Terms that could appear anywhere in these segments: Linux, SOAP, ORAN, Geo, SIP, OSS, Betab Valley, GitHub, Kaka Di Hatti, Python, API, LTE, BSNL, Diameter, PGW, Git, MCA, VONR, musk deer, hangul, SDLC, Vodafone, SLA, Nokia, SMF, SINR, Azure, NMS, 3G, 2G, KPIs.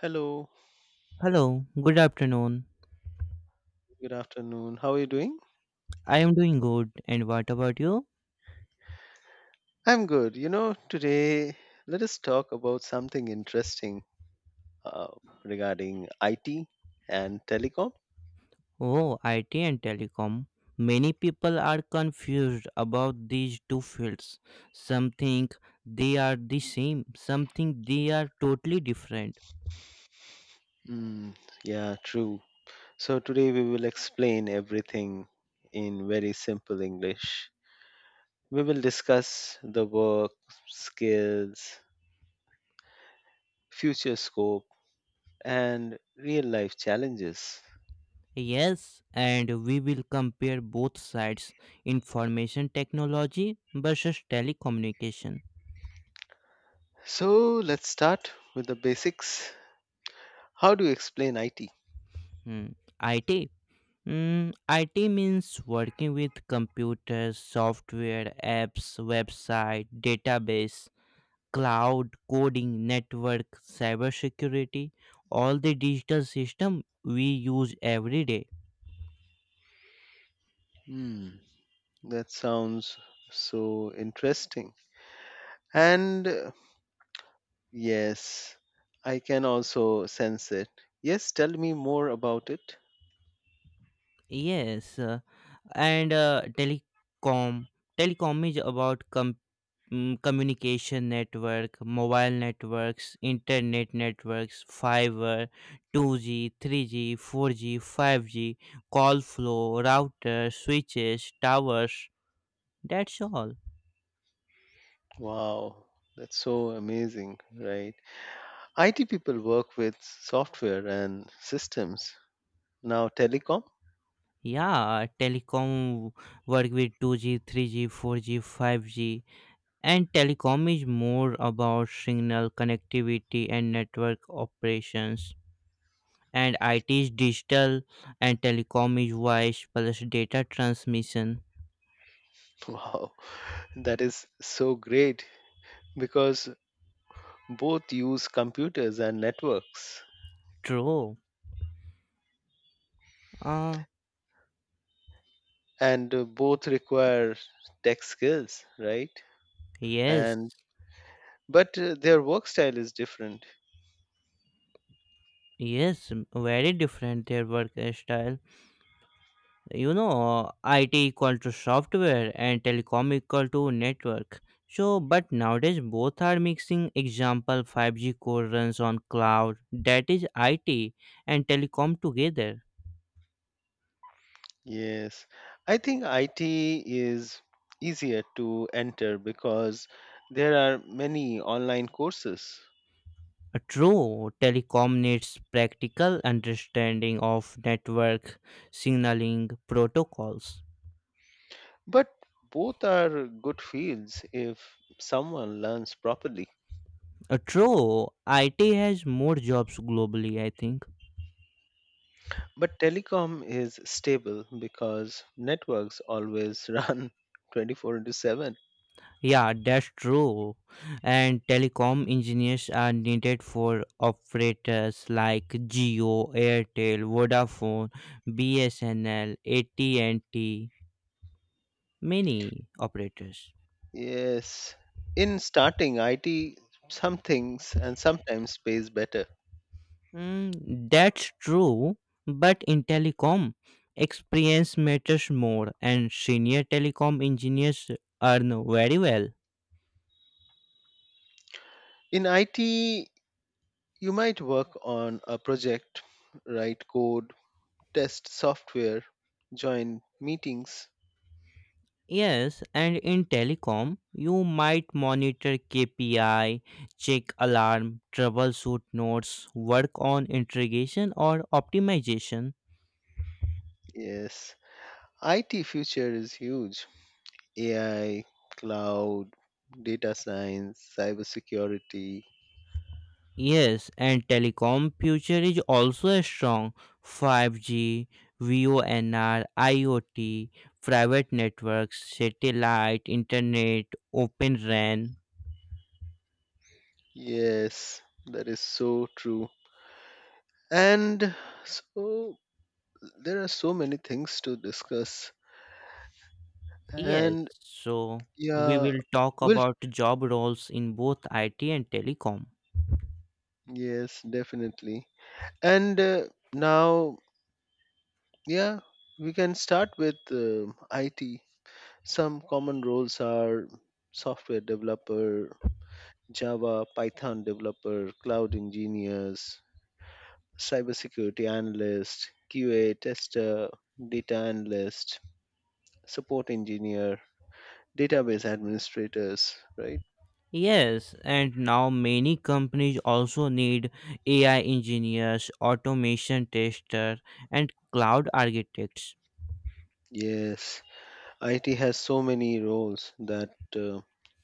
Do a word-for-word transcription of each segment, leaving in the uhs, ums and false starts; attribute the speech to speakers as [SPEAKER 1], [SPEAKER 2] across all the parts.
[SPEAKER 1] Hello,
[SPEAKER 2] Hello, good afternoon.
[SPEAKER 1] good afternoon. How are you doing?
[SPEAKER 2] I am doing good. And what about you?
[SPEAKER 1] I'm good. You know, today let us talk about something interesting, uh, regarding I T and telecom.
[SPEAKER 2] Oh, I T and telecom. Many people are confused about these two fields. Some think they are the same, some think they are totally different.
[SPEAKER 1] Mm, yeah, true. So today we will explain everything in very simple English. We will discuss the work, skills, future scope, and real life challenges.
[SPEAKER 2] Yes, and we will compare both sides information technology versus telecommunication.
[SPEAKER 1] So let's start with the basics. How do you explain I T?
[SPEAKER 2] Hmm. I T. Mm, I T means working with computers, software, apps, website, database, cloud, coding, network, cybersecurity, all the digital system we use every day.
[SPEAKER 1] Hmm. That sounds so interesting. And uh, yes, I can also sense it. Yes, tell me more about it.
[SPEAKER 2] Yes, uh, and uh, telecom telecom is about com- mm, communication network, mobile networks, internet networks, fiber, two G, three G, four G, five G, call flow, routers, switches, towers, that's all.
[SPEAKER 1] Wow, that's so amazing, right? I T people work with software and systems. Now, telecom?
[SPEAKER 2] Yeah, telecom work with two G, three G, four G, five G, and telecom is more about signal connectivity and network operations, and I teach digital, and telecom is voice plus data transmission.
[SPEAKER 1] Wow, that is so great because both use computers and networks,
[SPEAKER 2] True. Uh,
[SPEAKER 1] and uh, both require tech skills, right?
[SPEAKER 2] yes.
[SPEAKER 1] And but uh, their work style is different.
[SPEAKER 2] Yes, very different their work style. You know, I T equal to software and telecom equal to network. So, but nowadays both are mixing. Example, five G core runs on cloud. That is I T and telecom together.
[SPEAKER 1] Yes, I think I T is easier to enter because there are many online courses.
[SPEAKER 2] A True, telecom needs practical understanding of network signaling protocols.
[SPEAKER 1] But both are good fields if someone learns properly.
[SPEAKER 2] A True, I T has more jobs globally, I think.
[SPEAKER 1] But telecom is stable because networks always run twenty-four into seven.
[SPEAKER 2] Yeah, that's true. And telecom engineers are needed for operators like Geo, Airtel, Vodafone, B S N L, A T and T, many operators.
[SPEAKER 1] Yes, in starting I T, some things and sometimes pays better.
[SPEAKER 2] Mm, that's true, but in telecom, experience matters more, and senior telecom engineers earn very well.
[SPEAKER 1] In I T, you might work on a project, write code, test software, join meetings.
[SPEAKER 2] Yes, and in telecom, you might monitor K P I, check alarm, troubleshoot nodes, work on integration or optimization.
[SPEAKER 1] Yes, I T future is huge. A I, cloud, data science, cybersecurity.
[SPEAKER 2] Yes, and telecom future is also a strong five G, V O N R, IoT, private networks, satellite, internet, open RAN.
[SPEAKER 1] Yes, that is so true. And so there are so many things to discuss.
[SPEAKER 2] Yes,
[SPEAKER 1] And
[SPEAKER 2] so we
[SPEAKER 1] yeah,
[SPEAKER 2] will talk
[SPEAKER 1] will.
[SPEAKER 2] about job roles in both I T and telecom.
[SPEAKER 1] Yes, definitely. And uh, now, yeah, we can start with um I T. Some common roles are software developer, Java, Python developer, cloud engineers, cybersecurity analyst, Q A tester, data analyst, support engineer, database administrators, right?
[SPEAKER 2] Yes, and now many companies also need A I engineers, automation tester, and cloud architects.
[SPEAKER 1] Yes, I T has so many roles that uh,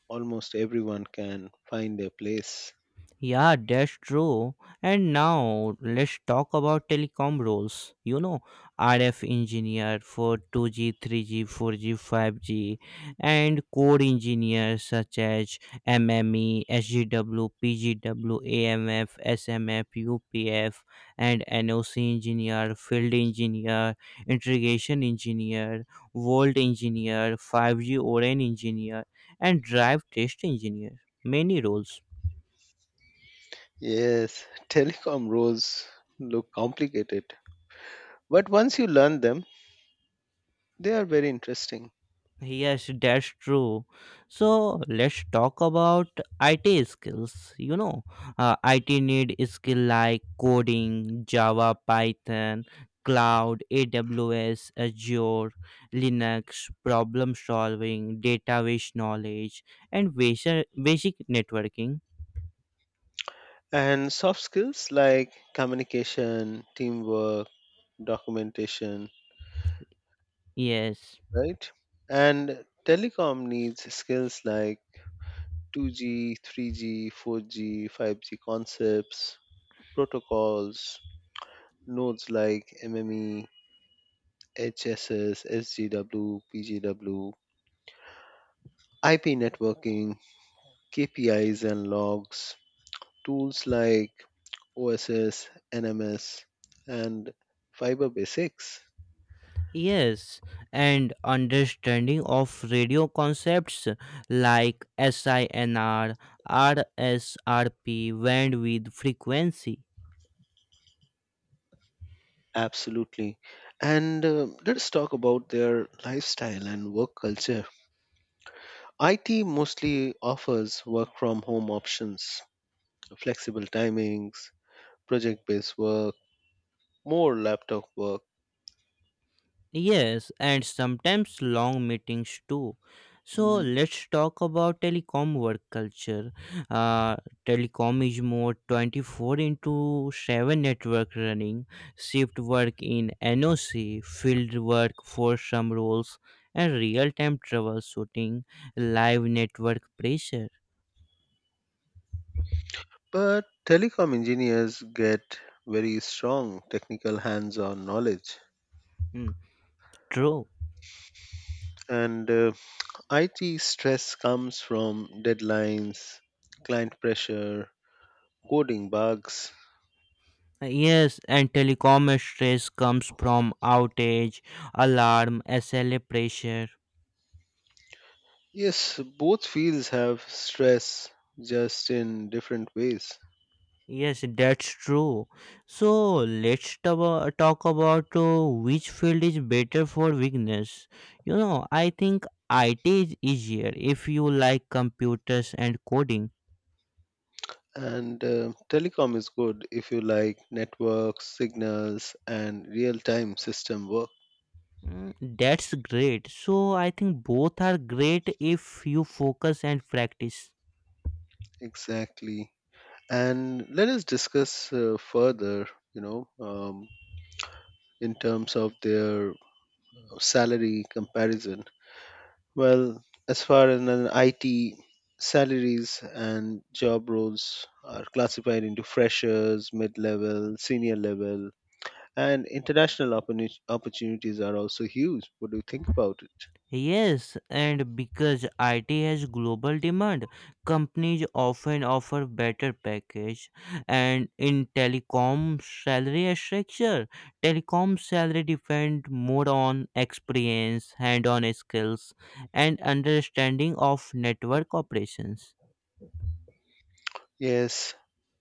[SPEAKER 1] almost everyone can find a place.
[SPEAKER 2] Yeah, that's true. And now let's talk about telecom roles. You know, R F engineer for two G, three G, four G, five G, and core engineers such as MME, SGW, PGW, AMF, SMF, UPF, and NOC engineer, field engineer, integration engineer, volt engineer, five G engineer, and drive test engineer. Many roles.
[SPEAKER 1] Yes, telecom roles look complicated, but once you learn them, they are very interesting.
[SPEAKER 2] Yes, that's true. So let's talk about I T skills. You know, uh, I T need skill like coding, Java, Python, cloud, A W S, Azure, Linux, problem solving, database knowledge, and basic basic networking.
[SPEAKER 1] And soft skills like communication, teamwork, documentation,
[SPEAKER 2] Yes.
[SPEAKER 1] right? And telecom needs skills like two G, three G, four G, five G concepts, protocols, nodes like M M E, H S S, S G W, P G W, I P networking, K P Is and logs, tools like O S S, N M S, and Fiber Basics.
[SPEAKER 2] Yes, and understanding of radio concepts like S I N R, R S R P, bandwidth frequency.
[SPEAKER 1] Absolutely. And uh, let's talk about their lifestyle and work culture. I T mostly offers work from home options, flexible timings, project based work, more laptop work.
[SPEAKER 2] Yes, and sometimes long meetings too. So
[SPEAKER 1] Mhm.
[SPEAKER 2] let's talk about telecom work culture. Uh, Telecom is more twenty four into seven network running, shift work in NOC, field work for some roles, and real time troubleshooting, live network pressure.
[SPEAKER 1] But telecom engineers get very strong technical hands on knowledge.
[SPEAKER 2] Hmm, true.
[SPEAKER 1] And uh, I T stress comes from deadlines, client pressure, coding bugs.
[SPEAKER 2] Yes, and telecom stress comes from outage, alarm, S L A pressure.
[SPEAKER 1] Yes, both fields have stress, just in different ways.
[SPEAKER 2] Yes, that's true. So let's tabo- talk about uh, which field is better for weakness. You know, I think I T is easier if you like computers and coding.
[SPEAKER 1] And uh, telecom is good if you like networks, signals, and real time system work.
[SPEAKER 2] Mm, that's great. So I think both are great if you focus and practice.
[SPEAKER 1] Exactly. And let us discuss uh, further, you know, um, in terms of their salary comparison. Well, as far as an I T salaries and job roles are classified into freshers, mid level, senior level, and international oppor- opportunities are also huge. What do you think about it?
[SPEAKER 2] Yes, and because I T has global demand, companies often offer better package. And in telecom salary structure, telecom salary depend more on experience, hand-on skills, and understanding of network operations.
[SPEAKER 1] Yes,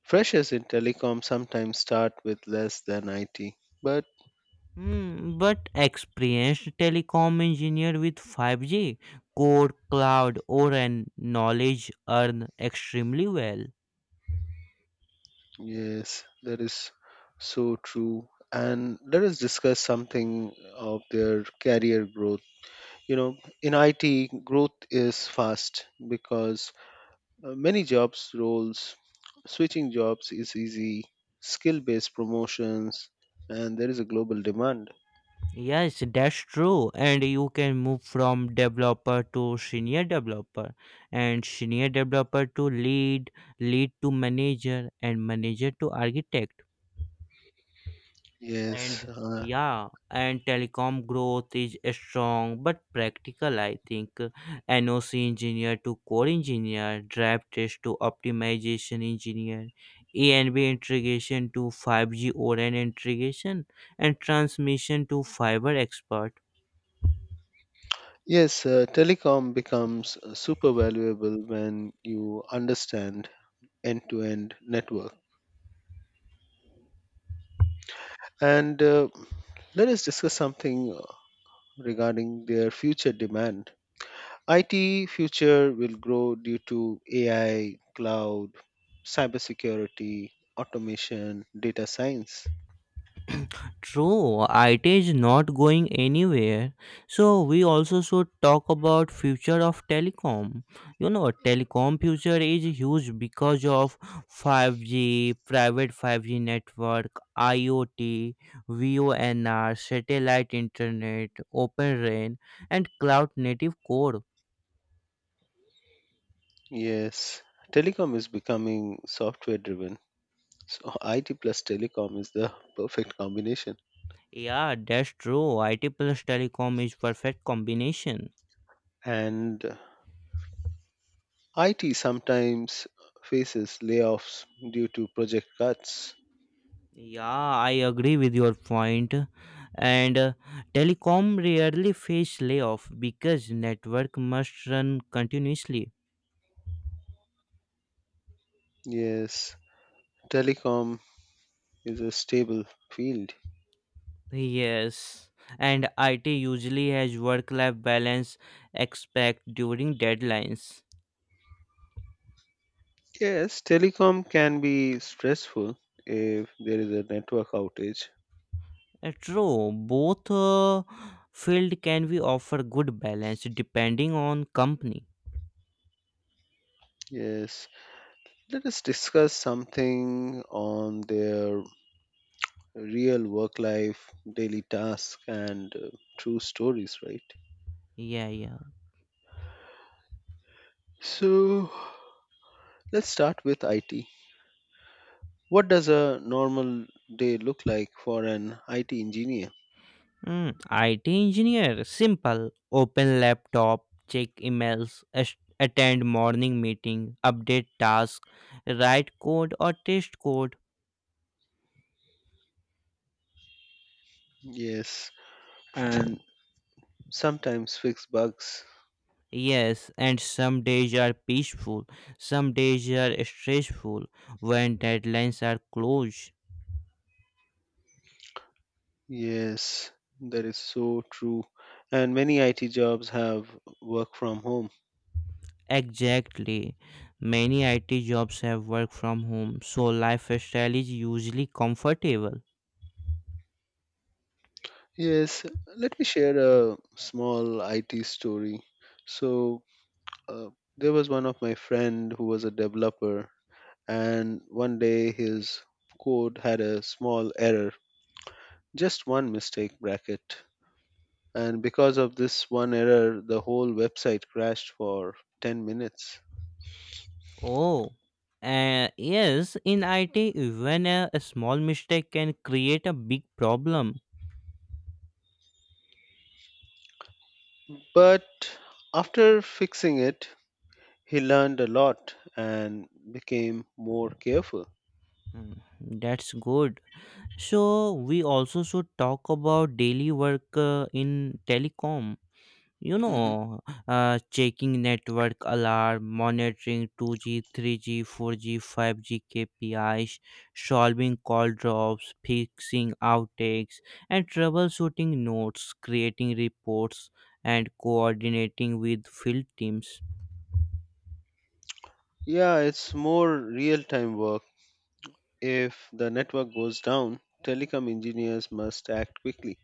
[SPEAKER 1] freshers in telecom sometimes start with less than I T. But
[SPEAKER 2] Hmm, but experienced telecom engineer with five G, core, cloud, or and knowledge earn extremely well.
[SPEAKER 1] yes, that is so true. And let us discuss something of their career growth. You know, in I T, growth is fast because uh, many jobs roles, switching jobs is easy, skill based promotions, and there is a global demand.
[SPEAKER 2] Yes, that's true. And you can move from developer to senior developer, and senior developer to lead, lead to manager, and manager to architect.
[SPEAKER 1] Yes,
[SPEAKER 2] And,
[SPEAKER 1] uh,
[SPEAKER 2] yeah, and telecom growth is strong but practical, I think. NOC engineer to core engineer, drive test to optimization engineer, E N B integration to five G ORAN integration, and transmission to fiber expert.
[SPEAKER 1] Yes, uh, telecom becomes uh, super valuable when you understand end to end network. And uh, let us discuss something uh, regarding their future demand. I T future will grow due to A I, cloud, cybersecurity, automation, data science.
[SPEAKER 2] True, I T is not going anywhere. So we also should talk about future of telecom. You know, telecom future is huge because of five G, private five G network, IoT, V O N R, satellite internet, open RAN, and cloud native core.
[SPEAKER 1] Yes, telecom is becoming software driven. So I T plus telecom is the perfect combination.
[SPEAKER 2] Yeah, that's true. I T plus telecom is perfect combination.
[SPEAKER 1] And uh, I T sometimes faces layoffs due to project cuts.
[SPEAKER 2] Yeah, I agree with your point. And uh, telecom rarely face layoff because network must run continuously.
[SPEAKER 1] Yes, telecom is a stable field.
[SPEAKER 2] Yes, and I T usually has work-life balance expect during deadlines.
[SPEAKER 1] Yes, telecom can be stressful if there is a network outage.
[SPEAKER 2] Uh, True, both uh, field can be offer good balance depending on company.
[SPEAKER 1] Yes, let us discuss something on their real work life, daily task, and uh, true stories, right?
[SPEAKER 2] Yeah, yeah.
[SPEAKER 1] So, let's start with I T. What does a normal day look like for an I T engineer?
[SPEAKER 2] Mm, I T engineer, simple. Open laptop, check emails, as- attend morning meeting, update task, write code or test code.
[SPEAKER 1] Yes, and sometimes fix bugs.
[SPEAKER 2] Yes, and some days are peaceful, some days are stressful when deadlines are close.
[SPEAKER 1] Yes, that is so true. And many I T jobs have work from home.
[SPEAKER 2] Exactly. Many I T jobs have work from home, so lifestyle is usually comfortable.
[SPEAKER 1] Yes, let me share a small I T story. So, uh, there was one of my friend who was a developer, and one day his code had a small error, just one mistake bracket. And because of this one error, the whole website crashed for ten minutes.
[SPEAKER 2] Oh, uh, yes, in I T, even a, a small mistake can create a big problem.
[SPEAKER 1] But after fixing it, he learned a lot and became more careful.
[SPEAKER 2] Mm, that's good. So, we also should talk about daily work uh, in telecom. you know
[SPEAKER 1] Hmm.
[SPEAKER 2] uh, Checking network alarm, monitoring two G, three G, four G, five G kpis, solving call drops, fixing outtakes, and troubleshooting notes, creating reports, and coordinating with field teams.
[SPEAKER 1] Yeah, it's more real time work. If the network goes down, telecom engineers must act quickly.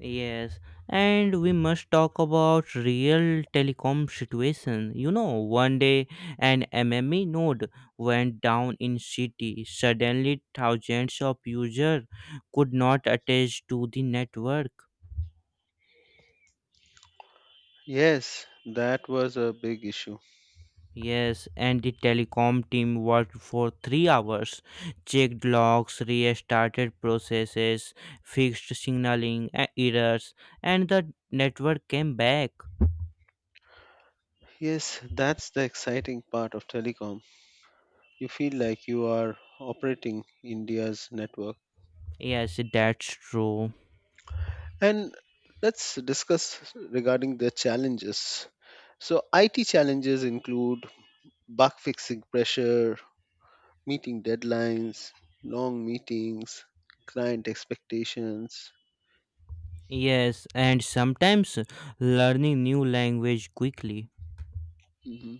[SPEAKER 2] Yes, and we must talk about real telecom situation. You know, one day an M M E node went down in city. Suddenly, thousands of users could not attach to the network.
[SPEAKER 1] Yes, that was a big issue.
[SPEAKER 2] Yes, and the telecom team worked for three hours, checked logs, restarted processes, fixed signaling uh, errors, and the network came back.
[SPEAKER 1] Yes, that's the exciting part of telecom. You feel like you are operating India's network.
[SPEAKER 2] Yes, that's true.
[SPEAKER 1] And let's discuss regarding the challenges. So, I T challenges include bug fixing pressure, meeting deadlines, long meetings, client expectations.
[SPEAKER 2] Yes, and sometimes learning new language quickly.
[SPEAKER 1] Hmm.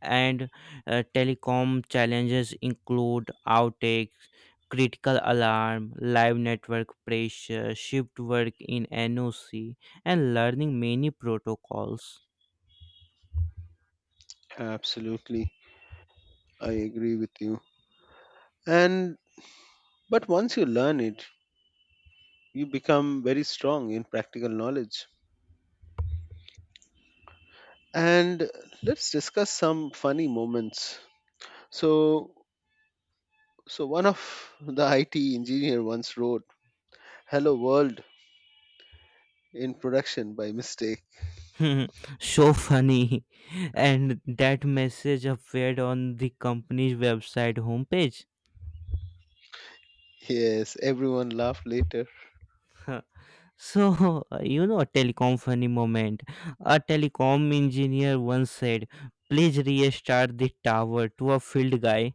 [SPEAKER 2] And uh, telecom challenges include outtakes, critical alarm, live network pressure, shift work in NOC, and learning many protocols.
[SPEAKER 1] Absolutely. I agree with you. And but once you learn it, you become very strong in practical knowledge. And let's discuss some funny moments. So so one of the I T engineer once wrote Hello World in production by mistake.
[SPEAKER 2] So funny, and that message appeared on the company's website homepage.
[SPEAKER 1] Yes, everyone laughed later.
[SPEAKER 2] So, you know, telecom funny moment. A telecom engineer once said, "Please restart the tower," to a field guy.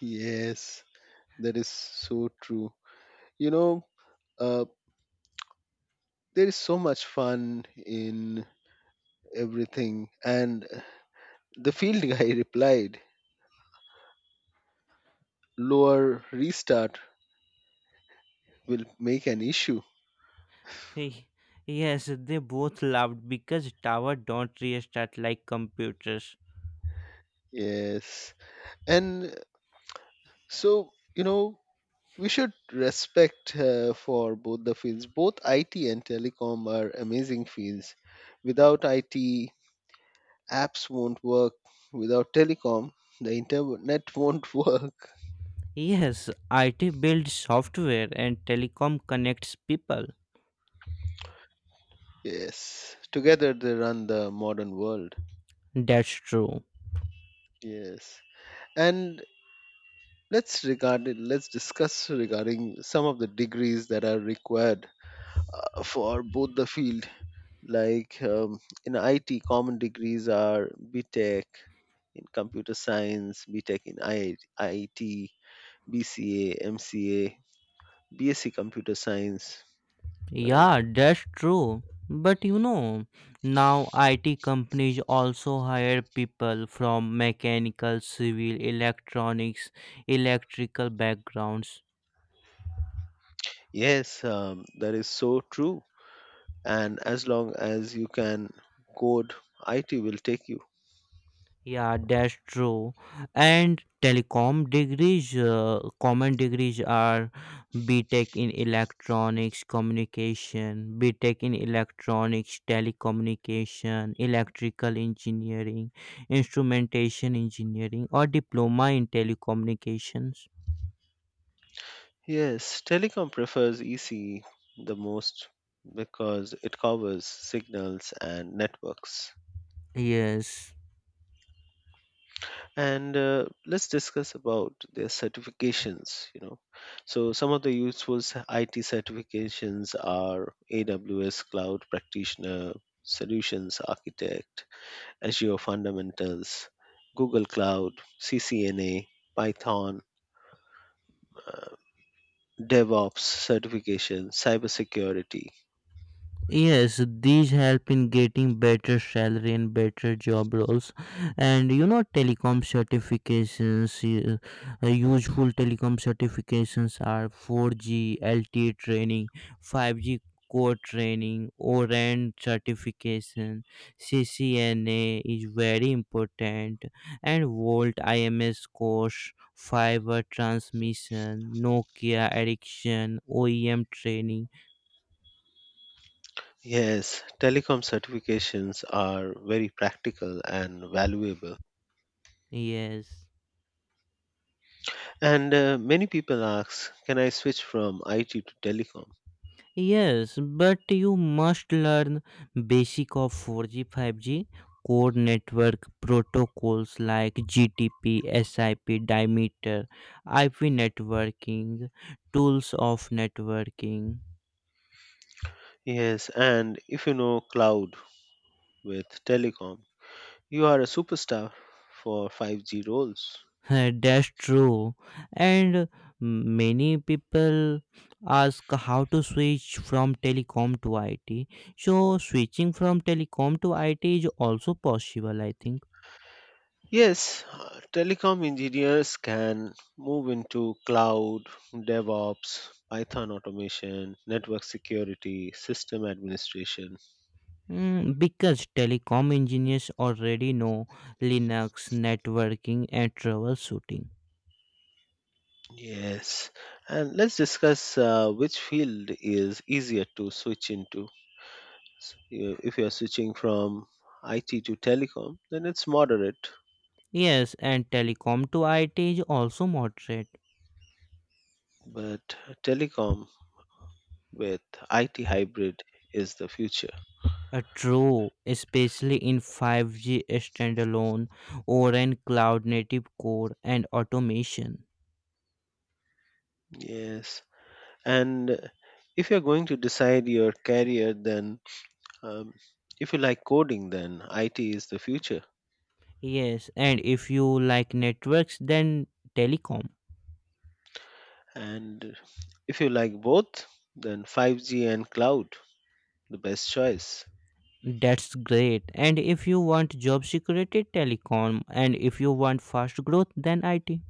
[SPEAKER 1] Yes, that is so true. You know, uh, there is so much fun in everything. And the field guy replied, lower restart will make an issue.
[SPEAKER 2] Hey, yes, they both laughed because tower don't restart like computers.
[SPEAKER 1] Yes. And so, you know, we should respect uh, for both the fields. Both I T and telecom are amazing fields. Without I T, apps won't work. Without telecom, the internet won't work.
[SPEAKER 2] Yes, I T builds software and telecom connects people.
[SPEAKER 1] Yes. Together they run the modern world.
[SPEAKER 2] That's true.
[SPEAKER 1] Yes. And let's regard it, let's discuss regarding some of the degrees that are required uh, for both the field, like um, in I T common degrees are BTech in computer science, BTech in I- IT, B C A, M C A, BSc computer science, right?
[SPEAKER 2] Yeah, that's true. But you know, now I T companies also hire people from mechanical, civil, electronics, electrical backgrounds.
[SPEAKER 1] Yes, um, that is so true, and as long as you can code, I T will take you.
[SPEAKER 2] Yeah, that's true. And telecom degrees, uh, common degrees are BTech in electronics communication, BTech in electronics telecommunication, electrical engineering, instrumentation engineering, or diploma in telecommunications.
[SPEAKER 1] Yes, telecom prefers E C the most because it covers signals and networks.
[SPEAKER 2] Yes.
[SPEAKER 1] And uh, let's discuss about their certifications, you know. So some of the useful s- I T certifications are A W S Cloud Practitioner, Solutions Architect, Azure Fundamentals, Google Cloud, C C N A, Python, uh, DevOps certification, cybersecurity.
[SPEAKER 2] Yes, these help in getting better salary and better job roles, and you know telecom certifications. Y- uh, useful telecom certifications are four G L T E training, five G core training, ORAN certification, C C N A is very important, and Volt I M S course, fiber transmission, Nokia addiction, O E M training.
[SPEAKER 1] Yes, telecom certifications are very practical and valuable.
[SPEAKER 2] Yes.
[SPEAKER 1] And uh, many people ask, can I switch from I T to telecom?
[SPEAKER 2] Yes, but you must learn basic of four G, five G core network protocols like G T P, SIP, dimeter, I P networking, tools of networking.
[SPEAKER 1] Yes, and if you know cloud with telecom, you are a superstar for five G roles.
[SPEAKER 2] Uh, That's true. And many people ask how to switch from telecom to I T. So switching from telecom to I T is also possible, I think.
[SPEAKER 1] Yes, uh, telecom engineers can move into cloud, DevOps, Python automation, network security, system administration.
[SPEAKER 2] Mm, because telecom engineers already know Linux, networking, and troubleshooting.
[SPEAKER 1] Yes, and let's discuss uh, which field is easier to switch into. So, you- if you're switching from I T to telecom, then it's moderate,
[SPEAKER 2] Yes, and telecom to I T is also moderate.
[SPEAKER 1] but telecom with I T hybrid is the future.
[SPEAKER 2] Uh, true, especially in five G standalone or in cloud native core and automation.
[SPEAKER 1] Yes, and if you're going to decide your career, then um, if you like coding, then I T is the future,
[SPEAKER 2] Yes, and if you like networks, then telecom.
[SPEAKER 1] and if you like both, then five G and cloud the best choice.
[SPEAKER 2] That's great. And if you want job security, telecom. And if you want fast growth, then I T.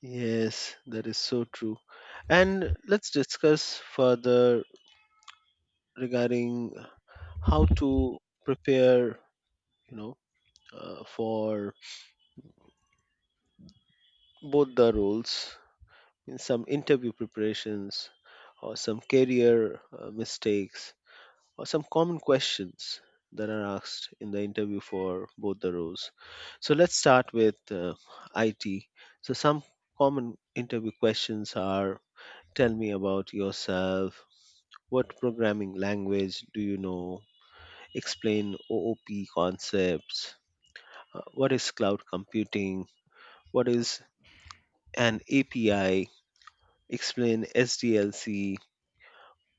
[SPEAKER 1] Yes, that is so true. And let's discuss further regarding how to prepare, you know, uh, for both the roles, in some interview preparations or some career uh, mistakes or some common questions that are asked in the interview for both the roles. So let's start with uh, I T. So some common interview questions are: tell me about yourself. What programming language do you know? Explain O O P concepts. Uh, What is cloud computing? What is an A P I? Explain S D L C.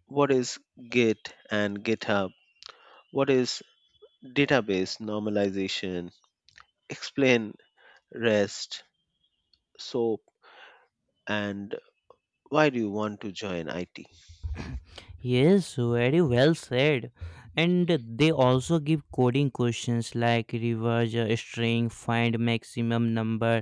[SPEAKER 1] What is Git and GitHub? What is database normalization? Explain REST, SOAP, and why do you want to join I T?
[SPEAKER 2] Yes, very well said. And they also give coding questions like reverse uh, string, find maximum number,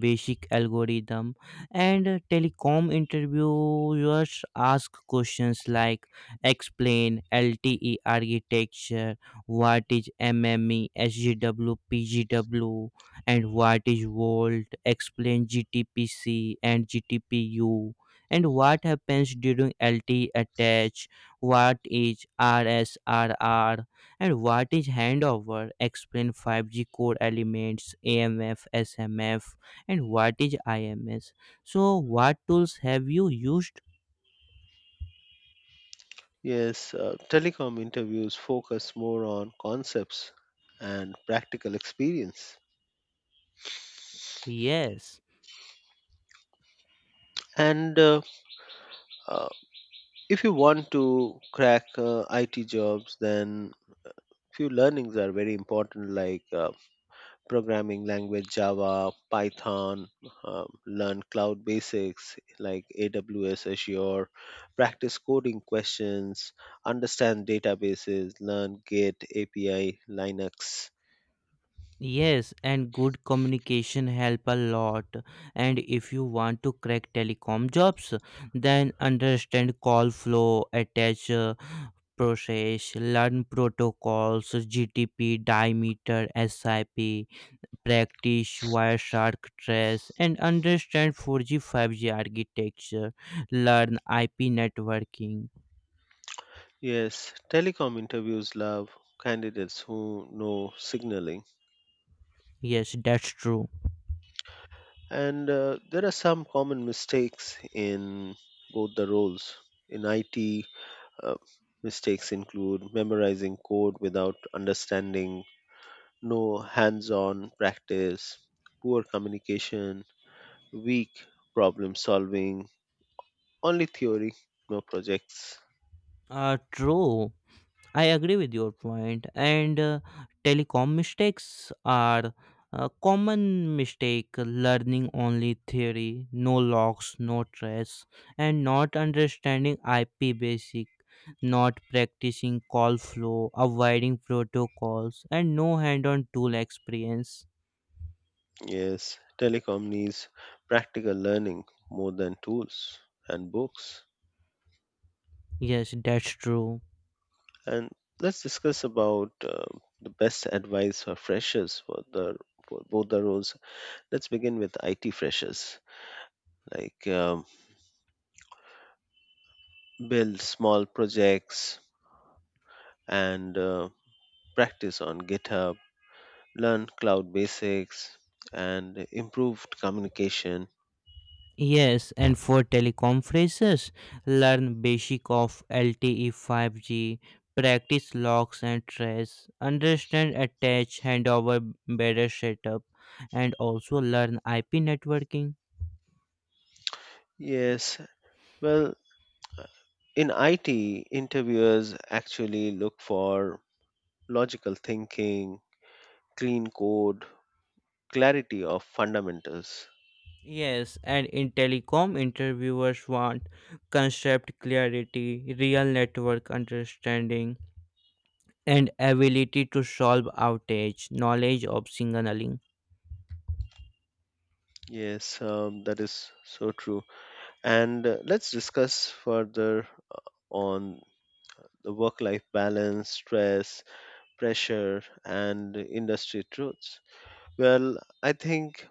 [SPEAKER 2] basic algorithm. And uh, telecom interviewers ask questions like explain L T E architecture, what is MME, SGW, PGW, and what is Volt, explain G T P C and G T P U and what happens during L T attach, what is R S R R, and what is handover, explain five G core elements, A M F, S M F, and what is I M S. So, what tools have you used?
[SPEAKER 1] Yes, uh, telecom interviews focus more on concepts and practical experience.
[SPEAKER 2] Yes.
[SPEAKER 1] And uh, uh, If you want to crack uh, I T jobs, then few learnings are very important, like uh, programming language Java, Python, um, learn cloud basics like A W S, Azure, practice coding questions, understand databases, learn Git, A P I, Linux.
[SPEAKER 2] Yes, and good communication help a lot. And if you want to crack telecom jobs, then understand call flow, attach uh, process, learn protocols, G T P, diameter, SIP, practice Wireshark trace, and understand four G, five G architecture, learn I P networking.
[SPEAKER 1] Yes, telecom interviews love candidates who know signaling.
[SPEAKER 2] Yes, that's true.
[SPEAKER 1] And uh, there are some common mistakes in both the roles. In I T, uh, mistakes include memorizing code without understanding, no hands on practice, poor communication, weak problem solving, only theory, no projects.
[SPEAKER 2] Uh, true. I agree with your point, and uh, telecom mistakes are a common mistake learning only theory, no logs, no trace, and not understanding I P basic, not practicing call flow, avoiding protocols, and no hand on tool experience.
[SPEAKER 1] Yes, telecom needs practical learning more than tools and books.
[SPEAKER 2] Yes, that's true.
[SPEAKER 1] And let's discuss about uh, the best advice for freshers for the for both the roles. Let's begin with I T freshers. Like um, build small projects and uh, practice on GitHub. Learn cloud basics and improved communication.
[SPEAKER 2] Yes, and for teleconferences, learn basic of L T E five G, practice locks and trace, understand attach handover better setup, and also learn I P networking.
[SPEAKER 1] Yes, well, in I T, interviewers actually look for logical thinking, clean code, clarity of fundamentals.
[SPEAKER 2] Yes, and in telecom, interviewers want concept clarity, real network understanding, and ability to solve outage, knowledge of signaling.
[SPEAKER 1] Yes, um, that is so true. And uh, let's discuss further uh, on the work life balance, stress, pressure, and industry truths. Well, I think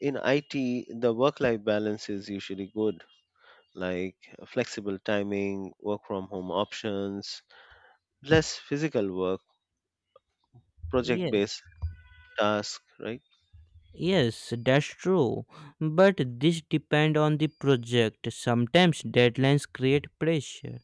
[SPEAKER 1] in I T, the work life balance is usually good, like flexible timing, work from home options, less physical work, project
[SPEAKER 2] Yes.
[SPEAKER 1] based tasks, right?
[SPEAKER 2] Yes, that's true. But this depend on the project. Sometimes deadlines create pressure.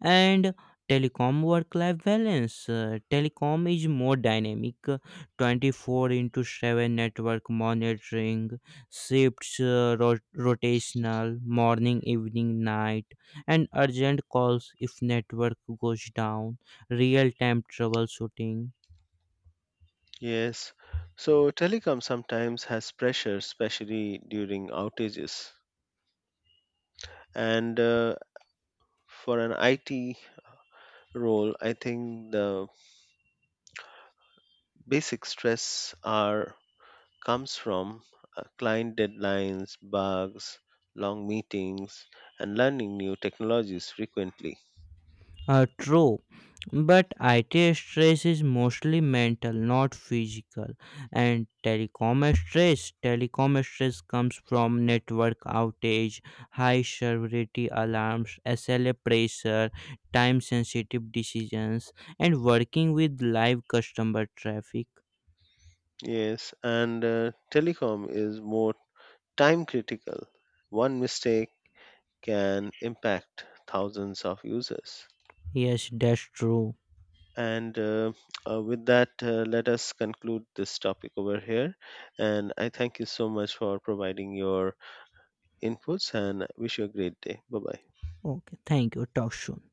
[SPEAKER 2] And telecom work life balance. Uh, telecom is more dynamic. uh, twenty four into seven network monitoring, shifts uh, ro- rotational, morning, evening, night, and urgent calls if network goes down, real time troubleshooting.
[SPEAKER 1] Yes. So, telecom sometimes has pressure, especially during outages. And uh, for an I T role, I think the basic stress are comes from uh, client deadlines, bugs, long meetings, and learning new technologies frequently.
[SPEAKER 2] Uh, true, but I T stress is mostly mental, not physical. And telecom stress, telecom stress comes from network outage, high severity alarms, S L A pressure, time-sensitive decisions, and working with live customer traffic.
[SPEAKER 1] Yes, and uh, telecom is more time critical. One mistake can impact thousands of users.
[SPEAKER 2] Yes, that's true.
[SPEAKER 1] And uh, uh, with that, uh, let us conclude this topic over here. And I thank you so much for providing your inputs, and wish you a great day. Bye bye.
[SPEAKER 2] Okay, thank you. Talk soon.